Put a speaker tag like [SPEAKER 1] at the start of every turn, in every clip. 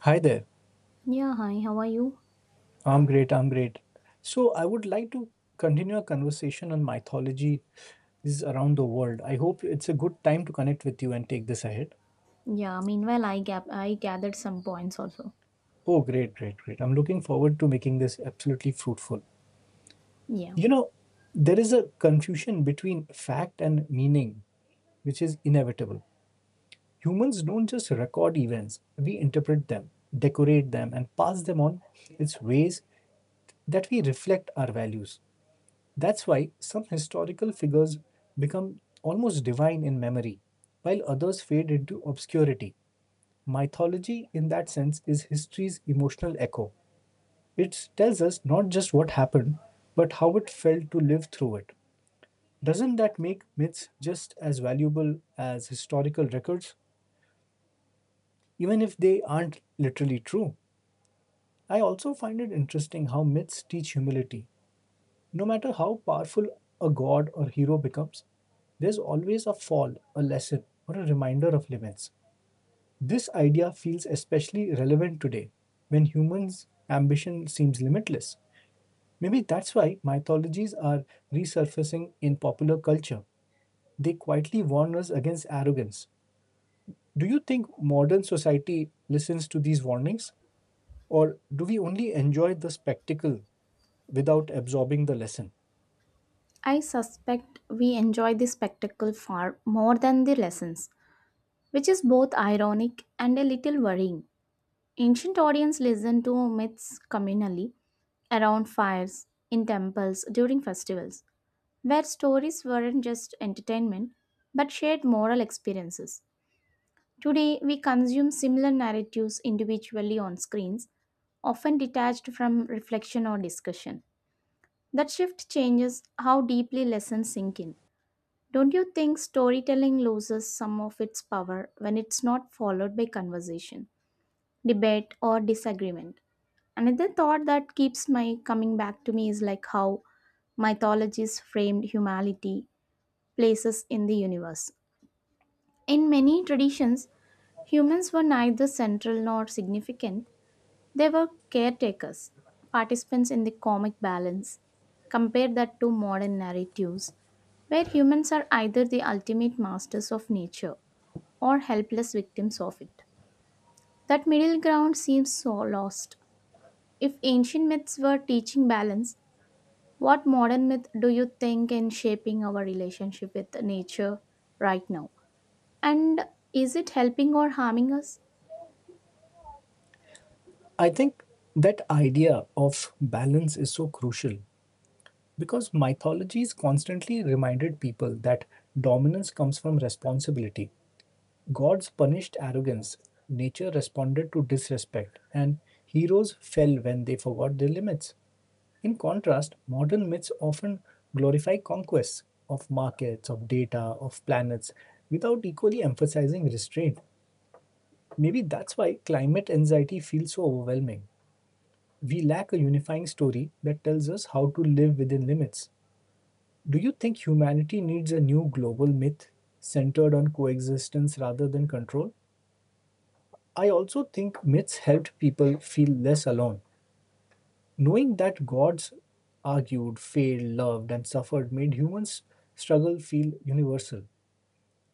[SPEAKER 1] Hi there.
[SPEAKER 2] Yeah, hi, how are you?
[SPEAKER 1] I'm great. I'm great. So, I would like to continue a conversation on mythology is around the world. I hope it's a good time to connect with you and take this ahead.
[SPEAKER 2] Yeah, meanwhile, I, I gathered some points also.
[SPEAKER 1] Oh, great, great, great. I'm looking forward to making this absolutely fruitful.
[SPEAKER 2] Yeah.
[SPEAKER 1] You know, there is a confusion between fact and meaning, which is inevitable. Humans don't just record events, we interpret them, decorate them, and pass them on its ways that we reflect our values. That's why some historical figures become almost divine in memory, while others fade into obscurity. Mythology, in that sense, is history's emotional echo. It tells us not just what happened, but how it felt to live through it. Doesn't that make myths just as valuable as historical records, even if they aren't literally true? I also find it interesting how myths teach humility. No matter how powerful a god or hero becomes, there's always a fall, a lesson, or a reminder of limits. This idea feels especially relevant today when humans' ambition seems limitless. Maybe that's why mythologies are resurfacing in popular culture. They quietly warn us against arrogance. Do you think modern society listens to these warnings? Or do we only enjoy the spectacle without absorbing the lesson?
[SPEAKER 2] I suspect we enjoy the spectacle far more than the lessons, which is both ironic and a little worrying. Ancient audience listened to myths communally, around fires, in temples, during festivals, where stories weren't just entertainment but shared moral experiences. Today, we consume similar narratives individually on screens, often detached from reflection or discussion. That shift changes how deeply lessons sink in. Don't you think storytelling loses some of its power when it's not followed by conversation, debate, or disagreement? Another thought that keeps my coming back to me is like how mythologies framed humanity places in the universe. In many traditions, humans were neither central nor significant, they were caretakers, participants in the comic balance. Compare that to modern narratives, where humans are either the ultimate masters of nature or helpless victims of it. That middle ground seems so lost. If ancient myths were teaching balance, what modern myth do you think in shaping our relationship with nature right now? And is it helping or harming us?
[SPEAKER 1] I think that idea of balance is so crucial because mythologies constantly reminded people that dominance comes from responsibility. Gods punished arrogance, nature responded to disrespect, and heroes fell when they forgot their limits. In contrast, modern myths often glorify conquests of markets, of data, of planets, without equally emphasizing restraint. Maybe that's why climate anxiety feels so overwhelming. We lack a unifying story that tells us how to live within limits. Do you think humanity needs a new global myth centered on coexistence rather than control? I also think myths helped people feel less alone. Knowing that gods argued, failed, loved, and suffered made humans' struggle feel universal.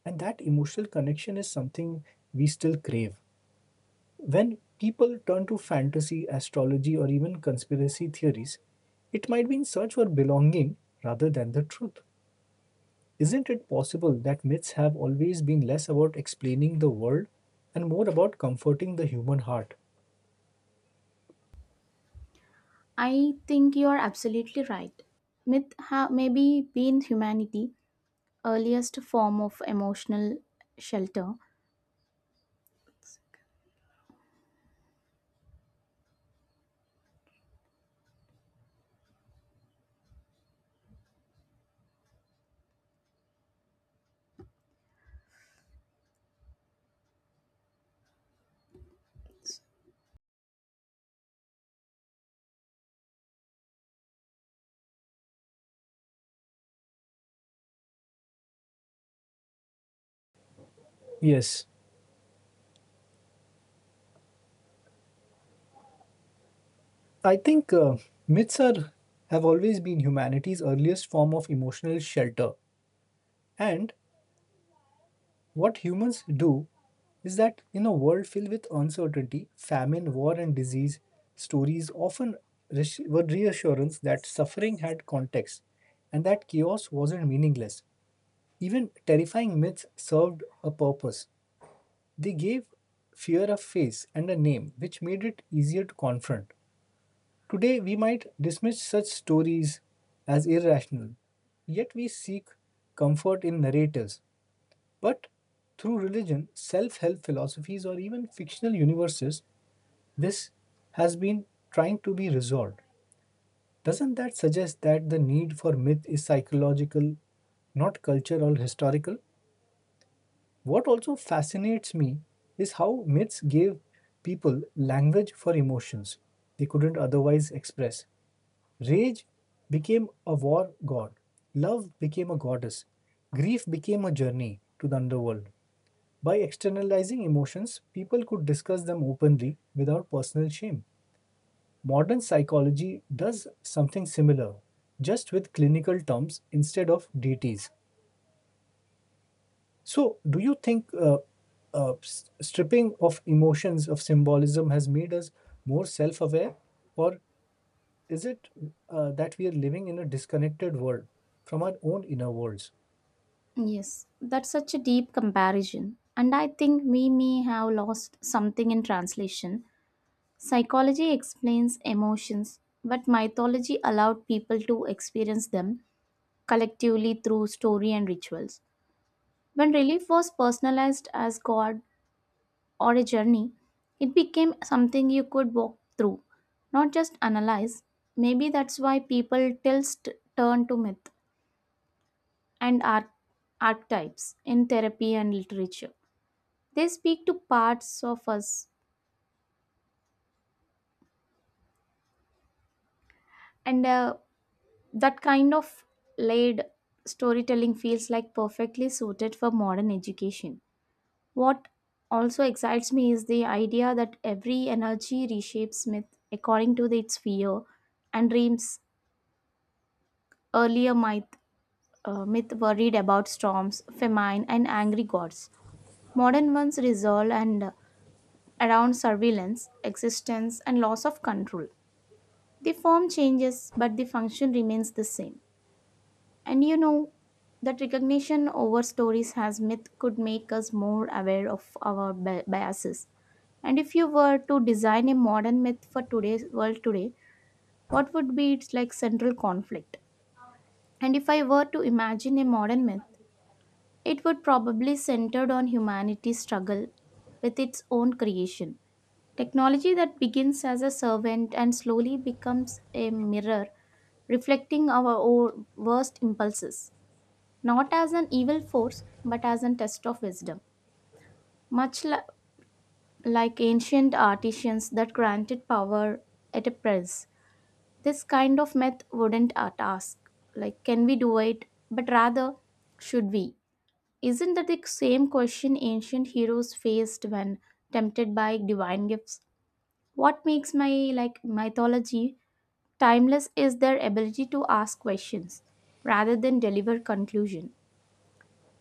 [SPEAKER 1] And that emotional connection is something we still crave. When people turn to fantasy, astrology, or even conspiracy theories, it might be in search for belonging rather than the truth. Isn't it possible that myths have always been less about explaining the world and more about comforting the human heart?
[SPEAKER 2] I think you are absolutely right. May be been humanity earliest form of emotional shelter.
[SPEAKER 1] Yes, I think myths are have always been humanity's earliest form of emotional shelter, and what humans do is that in a world filled with uncertainty, famine, war, and disease, stories often were reassurance that suffering had context and that chaos wasn't meaningless. Even terrifying myths served a purpose. They gave fear a face and a name, which made it easier to confront. Today, we might dismiss such stories as irrational, yet we seek comfort in narratives but through religion, self help philosophies, or even fictional universes, this has been trying to be resolved. Doesn't that suggest that the need for myth is psychological, not cultural or historical? What also fascinates me is how myths gave people language for emotions they couldn't otherwise express. Rage became a war god, love became a goddess, grief became a journey to the underworld. By externalizing emotions, people could discuss them openly without personal shame. Modern psychology does something similar, just with clinical terms instead of deities. So, do you think stripping of emotions, of symbolism, has made us more self aware? Or is it that we are living in a disconnected world from our own inner worlds?
[SPEAKER 2] Yes, that's such a deep comparison. And I think we may have lost something in translation. Psychology explains emotions, but mythology allowed people to experience them collectively through story and rituals. When relief was personalized as God or a journey, it became something you could walk through, not just analyze. Maybe that's why people turn to myth and archetypes in therapy and literature. They speak to parts of us, and that kind of laid storytelling feels like perfectly suited for modern education. What also excites me is the idea that every energy reshapes myth according to its fear and dreams earlier might myth worried about storms, famine, and angry gods. Modern ones resolve and around surveillance, existence, and loss of control. The form changes, but the function remains the same. And you know that recognition over stories as myth could make us more aware of our biases. And if you were to design a modern myth for today's world today, what would be its like central conflict? And if I were to imagine a modern myth, it would probably centered on humanity's struggle with its own creation. Technology that begins as a servant and slowly becomes a mirror reflecting our worst impulses, not as an evil force, but as a test of wisdom. Much li- like ancient artisans that granted power at a price, this kind of myth wouldn't at ask, like, can we do it? But rather, should we? Isn't that the same question ancient heroes faced when tempted by divine gifts? What makes my like mythology timeless is their ability to ask questions rather than deliver conclusion.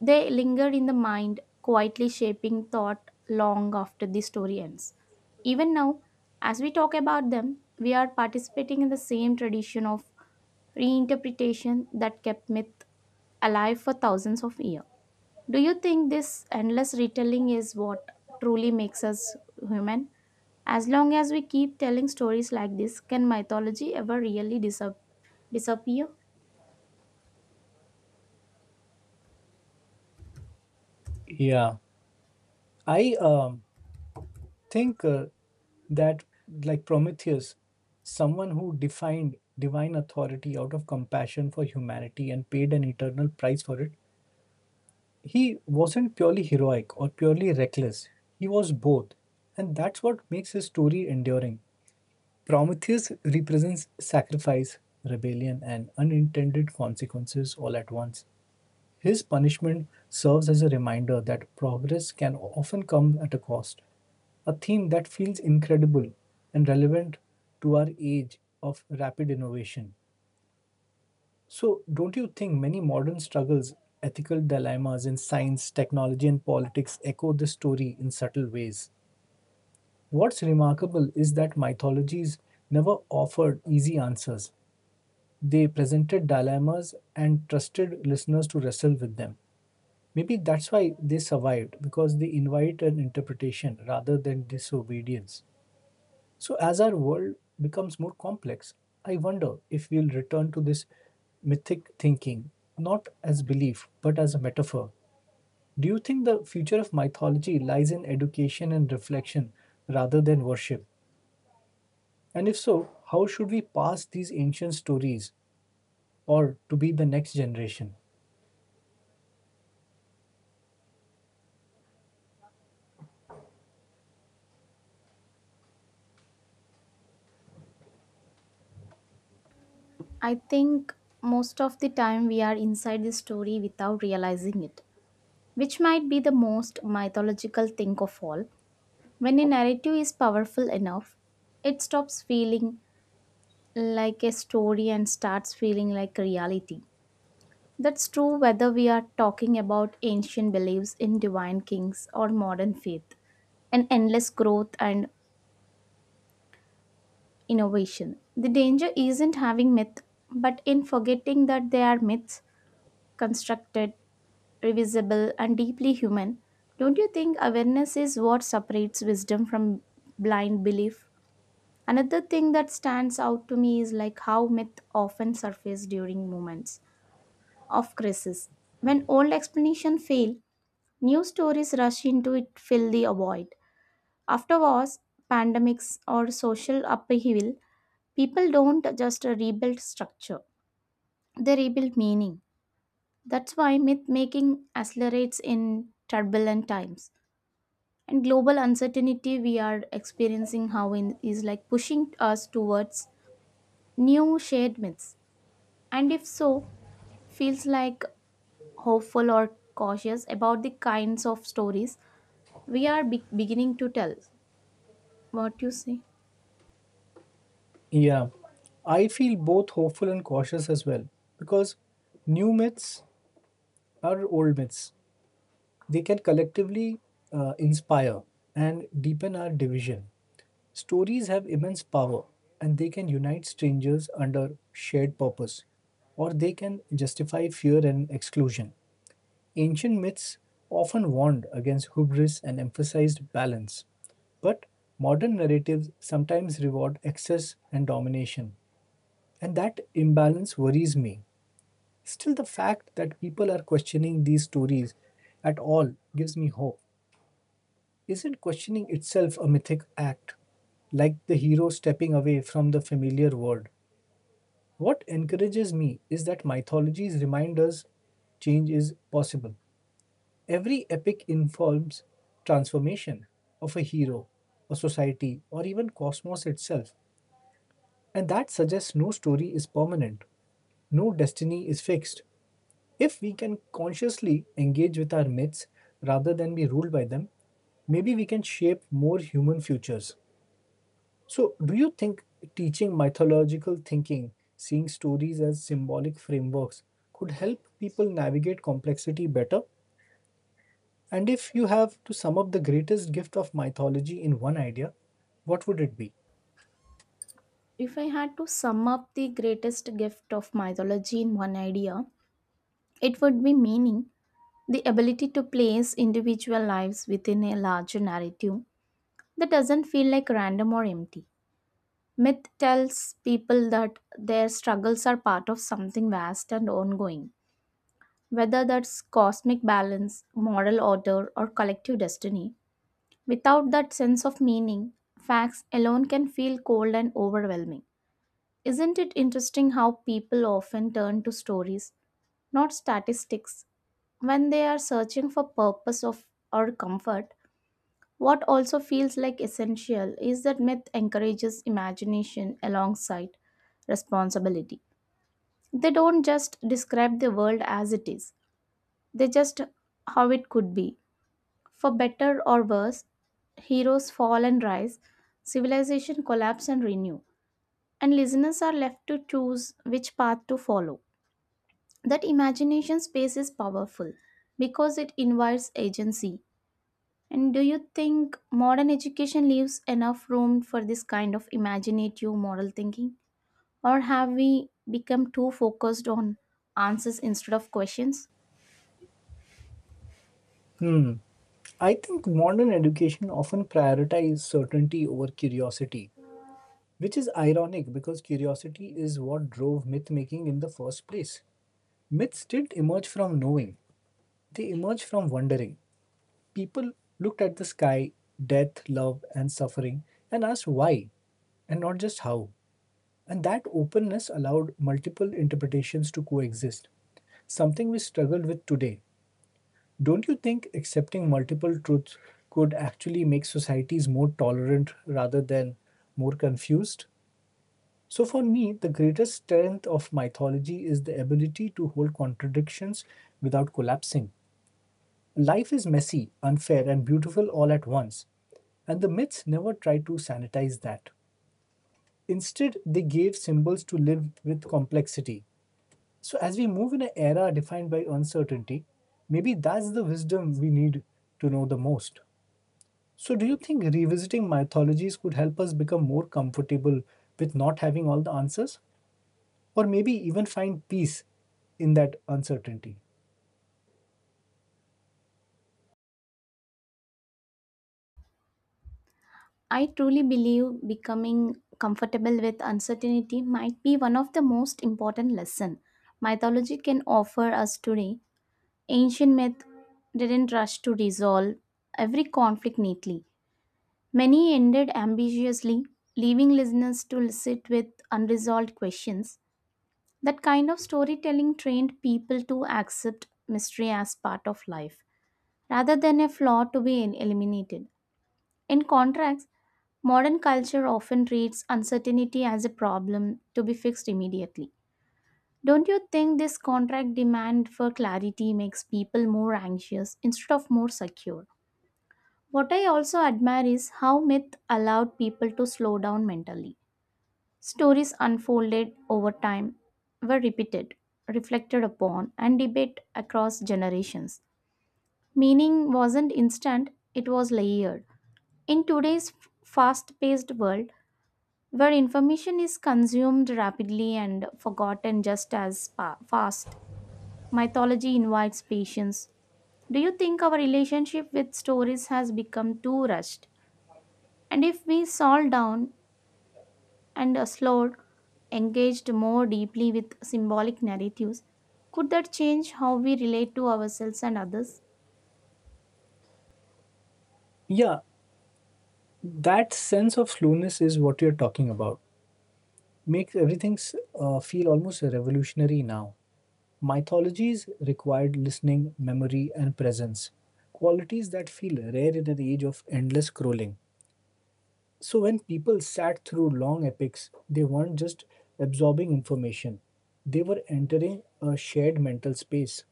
[SPEAKER 2] They linger in the mind, quietly shaping thought long after the story ends. Even now, as we talk about them, we are participating in the same tradition of reinterpretation that kept myth alive for thousands of years. Do you think this endless retelling is what truly makes us human? As long as we keep telling stories like this, can mythology ever really disappear?
[SPEAKER 1] Yeah, I thinker that like Prometheus, someone who defined divine authority out of compassion for humanity and paid an eternal price for it. He wasn't purely heroic or purely reckless, he was both, and that's what makes his story enduring. Prometheus represents sacrifice, rebellion, and unintended consequences all at once. His punishment serves as a reminder that progress can often come at a cost, a theme that feels incredible and relevant to our age of rapid innovation. So, don't you think many modern struggles, ethical dilemmas in science, technology, and politics echo this story in subtle ways? What's remarkable is that mythologies never offered easy answers. They presented dilemmas and trusted listeners to wrestle with them. Maybe that's why they survived, because they invite an interpretation rather than disobedience. So, as our world becomes more complex, I wonder if we'll return to this mythic thinking, not as belief, but as a metaphor. Do you think the future of mythology lies in education and reflection rather than worship? And if so, how should we pass these ancient stories or to be the next generation?
[SPEAKER 2] I think most of the time we are inside the story without realizing it, which might be the most mythological thing of all. When a narrative is powerful enough, it stops feeling like a story and starts feeling like reality. That's true whether we are talking about ancient beliefs in divine kings or modern faith and endless growth and innovation. The danger isn't having myth, but in forgetting that they are myths, constructed, revisible, and deeply human. Don't you think awareness is what separates wisdom from blind belief? Another thing that stands out to me is like how myth often surface during moments of crisis. When old explanations fail, new stories rush into it fill the void. After wars, pandemics, or social upheaval, people don't just rebuild structure, they rebuild meaning. That's why myth making accelerates in turbulent times. And global uncertainty we are experiencing how in is like pushing us towards new shared myths. And if so, feels like hopeful or cautious about the kinds of stories we are beginning to tell. What you say?
[SPEAKER 1] Yeah, I feel both hopeful and cautious as well because new myths are old myths. They can collectively inspire and deepen our division. Stories have immense power and they can unite strangers under shared purpose or they can justify fear and exclusion. Ancient myths often warned against hubris and emphasized balance, but modern narratives sometimes reward excess and domination. And that imbalance worries me. Still, the fact that people are questioning these stories at all gives me hope. Isn't questioning itself a mythic act? Like the hero stepping away from the familiar world. What encourages me is that mythologies remind us change is possible. Every epic informs transformation of a hero, a society, or even cosmos itself. And that suggests no story is permanent, no destiny is fixed. If we can consciously engage with our myths rather than be ruled by them, maybe we can shape more human futures. So, do you think teaching mythological thinking, seeing stories as symbolic frameworks, could help people navigate complexity better? And if you have to sum up the greatest gift of mythology in one idea, what would it be?
[SPEAKER 2] If I had to sum up the greatest gift of mythology in one idea, it would be meaning, the ability to place individual lives within a larger narrative that doesn't feel like random or empty. Myth tells people that their struggles are part of something vast and ongoing, whether that's cosmic balance, moral order, or collective destiny. Without that sense of meaning, facts alone can feel cold and overwhelming. Isn't it interesting how people often turn to stories, not statistics, when they are searching for purpose of or comfort? What also feels like essential is that myth encourages imagination alongside responsibility. They don't just describe the world as it is, they just how it could be. For better or worse, heroes fall and rise, civilization collapse and renew, and listeners are left to choose which path to follow. That imagination space is powerful because it invites agency. And do you think modern education leaves enough room for this kind of imaginative moral thinking? Or have we become too focused on answers instead of questions?
[SPEAKER 1] Hmm. I think modern education often prioritizes certainty over curiosity, which is ironic because curiosity is what drove myth making in the first place. Myths didn't emerge from knowing, they emerged from wondering. People looked at the sky, death, love, and suffering and asked why and not just how. And that openness allowed multiple interpretations to coexist, something we struggle with today. Don't you think accepting multiple truths could actually make societies more tolerant rather than more confused? So, for me, the greatest strength of mythology is the ability to hold contradictions without collapsing. Life is messy, unfair, and beautiful all at once, and the myths never tried to sanitize that. Instead, they gave symbols to live with complexity. So, as we move in an era defined by uncertainty, maybe that's the wisdom we need to know the most. So, do you think revisiting mythologies could help us become more comfortable with not having all the answers? Or maybe even find peace in that uncertainty.
[SPEAKER 2] I truly believe becoming comfortable with uncertainty might be one of the most important lessons mythology can offer us today. Ancient myth didn't rush to resolve every conflict neatly. Many ended ambitiously, leaving listeners to sit with unresolved questions. That kind of storytelling trained people to accept mystery as part of life, rather than a flaw to be eliminated. In contrast, modern culture often treats uncertainty as a problem to be fixed immediately. Don't you think this contract demand for clarity makes people more anxious instead of more secure? What I also admire is how myth allowed people to slow down mentally. Stories unfolded over time, were repeated, reflected upon, and debated across generations. Meaning wasn't instant, it was layered. In today's fast paced world, where information is consumed rapidly and forgotten just as fast, mythology invites patience. Do you think our relationship with stories has become too rushed? And if we slow down and slowed engaged more deeply with symbolic narratives, could that change how we relate to ourselves and others?
[SPEAKER 1] Yeah, that sense of slowness is what you're talking about. Makes everything feel almost revolutionary now. Mythologies required listening, memory, and presence, qualities that feel rare in an age of endless scrolling. So, when people sat through long epics, they weren't just absorbing information, they were entering a shared mental space.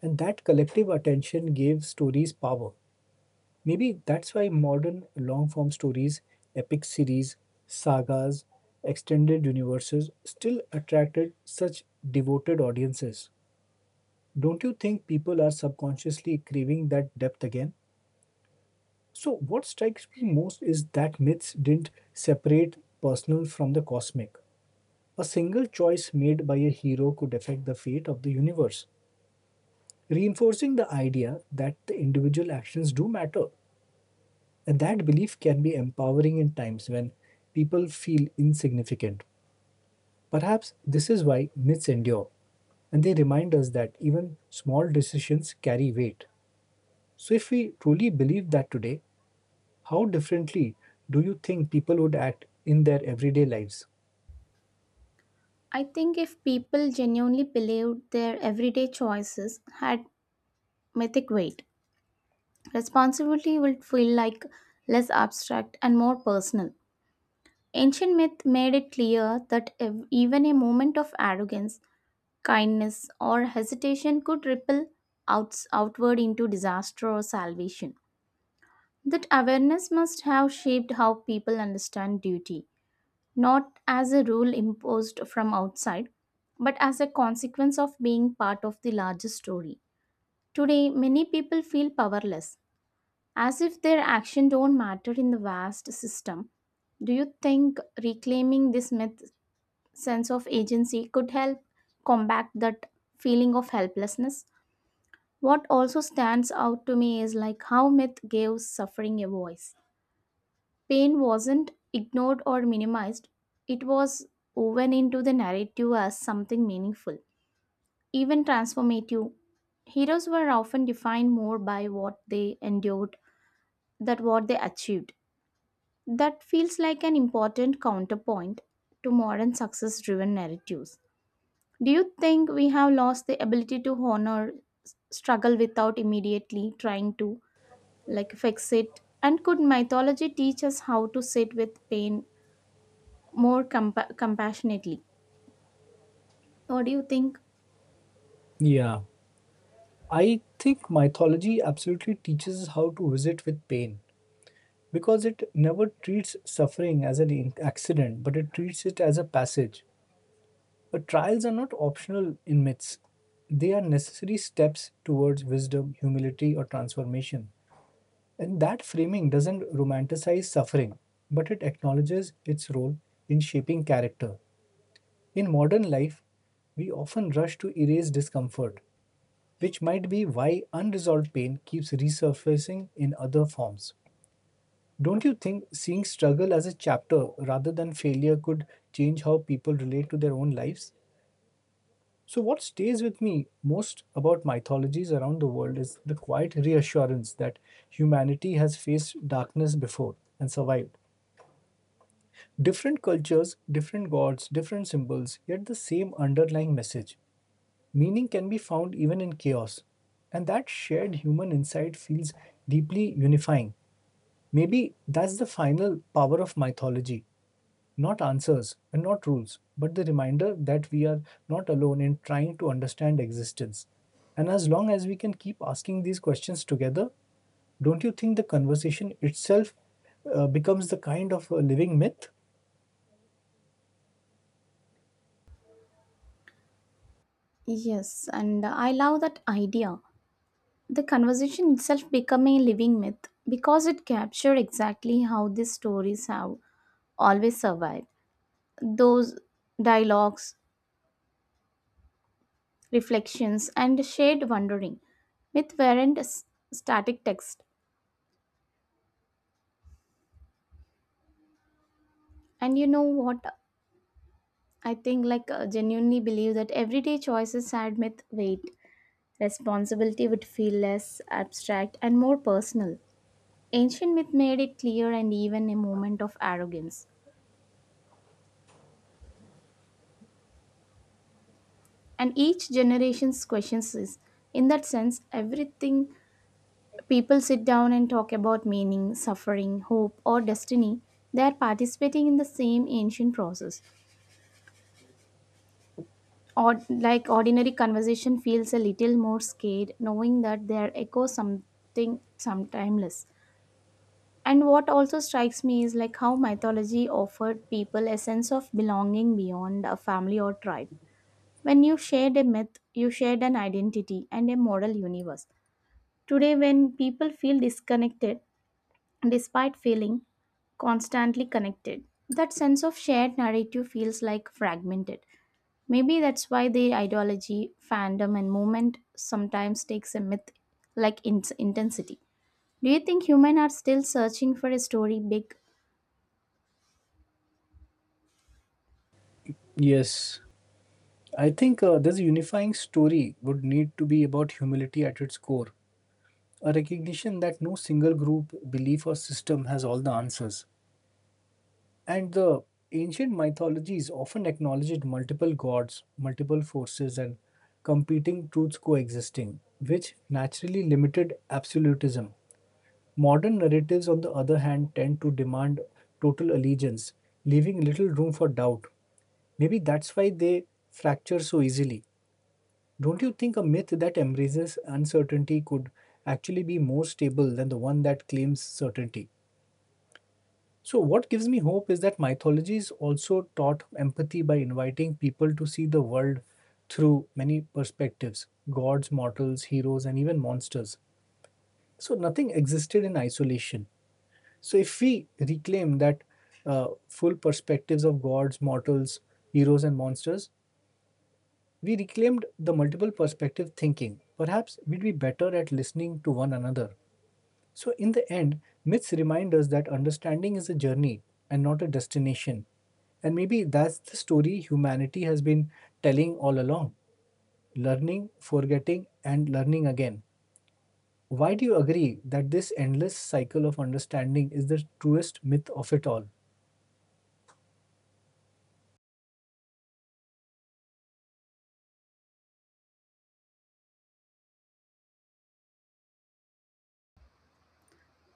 [SPEAKER 1] And that collective attention gave stories power. Maybe that's why modern long form stories, epic series, sagas, extended universes still attracted such devoted audiences. Don't you think people are subconsciously craving that depth again? So, what strikes me most is that myths didn't separate personal from the cosmic. A single choice made by a hero could affect the fate of the universe, reinforcing the idea that the individual actions do matter. And that belief can be empowering in times when people feel insignificant. Perhaps this is why myths endure, and they remind us that even small decisions carry weight. So, if we truly believe that today, how differently do you think people would act in their everyday lives?
[SPEAKER 2] I think if people genuinely believed their everyday choices had mythic weight, responsibility would feel like less abstract and more personal. Ancient myth made it clear that even a moment of arrogance, kindness, or hesitation could ripple outward into disaster or salvation. That awareness must have shaped how people understand duty, not as a rule imposed from outside, but as a consequence of being part of the larger story. Today, many people feel powerless, as if their action don't matter in the vast system. Do you think reclaiming this myth sense of agency could help combat that feeling of helplessness? What also stands out to me is like how myth gives suffering a voice. Pain wasn't ignored or minimized, it was woven into the narrative as something meaningful, even transformative. Heroes were often defined more by what they endured than what they achieved. That feels like an important counterpoint to modern success driven narratives. Do you think we have lost the ability to honor struggle without immediately trying to like fix it? And could mythology teach us how to sit with pain more compassionately. What do you think?
[SPEAKER 1] Yeah, I think mythology absolutely teaches us how to visit with pain because it never treats suffering as an accident, but it treats it as a passage. But trials are not optional in myths. They are necessary steps towards wisdom, humility, or transformation. And that framing doesn't romanticize suffering, but it acknowledges its role in shaping character. In modern life, we often rush to erase discomfort, which might be why unresolved pain keeps resurfacing in other forms. Don't you think seeing struggle as a chapter rather than failure could change how people relate to their own lives? So, what stays with me most about mythologies around the world is the quiet reassurance that humanity has faced darkness before and survived. Different cultures, different gods, different symbols, yet the same underlying message. Meaning can be found even in chaos. And that shared human insight feels deeply unifying. Maybe that's the final power of mythology, not answers and not rules, but the reminder that we are not alone in trying to understand existence. And as long as we can keep asking these questions together, don't you think the conversation itself becomes the kind of a living myth?
[SPEAKER 2] Yes, and I love that idea. The conversation itself became a living myth because it captured exactly how these stories have always survived. Those dialogues, reflections, and shared wondering. Myth weren't s- static text. And you know what? I think, like, genuinely believe that everyday choices had myth weight. Responsibility would feel less abstract and more personal. Ancient myth made it clear and even a moment of arrogance. And each generation's questions is, in that sense, everything people sit down and talk about meaning, suffering, hope, or destiny, they are participating in the same ancient process. Or like ordinary conversation feels a little more scared, knowing that they are echo something some timeless. And what also strikes me is like how mythology offered people a sense of belonging beyond a family or tribe. When you shared a myth, you shared an identity and a moral universe. Today, when people feel disconnected despite feeling constantly connected, that sense of shared narrative feels like fragmented. Maybe that's why the ideology, fandom, and movement sometimes takes a myth like intensity. Do you think humans are still searching for a story big?
[SPEAKER 1] Yes, I think this unifying story would need to be about humility at its core, a recognition that no single group, belief, or system has all the answers. And the ancient mythologies often acknowledged multiple gods, multiple forces, and competing truths coexisting, which naturally limited absolutism. Modern narratives, on the other hand, tend to demand total allegiance, leaving little room for doubt. Maybe that's why they fracture so easily. Don't you think a myth that embraces uncertainty could actually be more stable than the one that claims certainty? So, what gives me hope is that mythologies also taught empathy by inviting people to see the world through many perspectives, gods, mortals, heroes, and even monsters. So, nothing existed in isolation. So, if we reclaim that full perspectives of gods, mortals, heroes, and monsters, we reclaimed the multiple perspective thinking. Perhaps we'd be better at listening to one another. So, in the end, myths remind us that understanding is a journey and not a destination. And maybe that's the story humanity has been telling all along, learning, forgetting, and learning again. Why do you agree that this endless cycle of understanding is the truest myth of it all?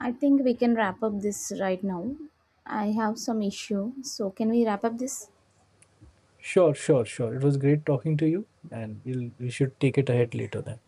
[SPEAKER 2] I think we can wrap up this right now. I have some issue, so can we wrap up this?
[SPEAKER 1] Sure, sure, sure. It was great talking to you, and we should take it ahead later then.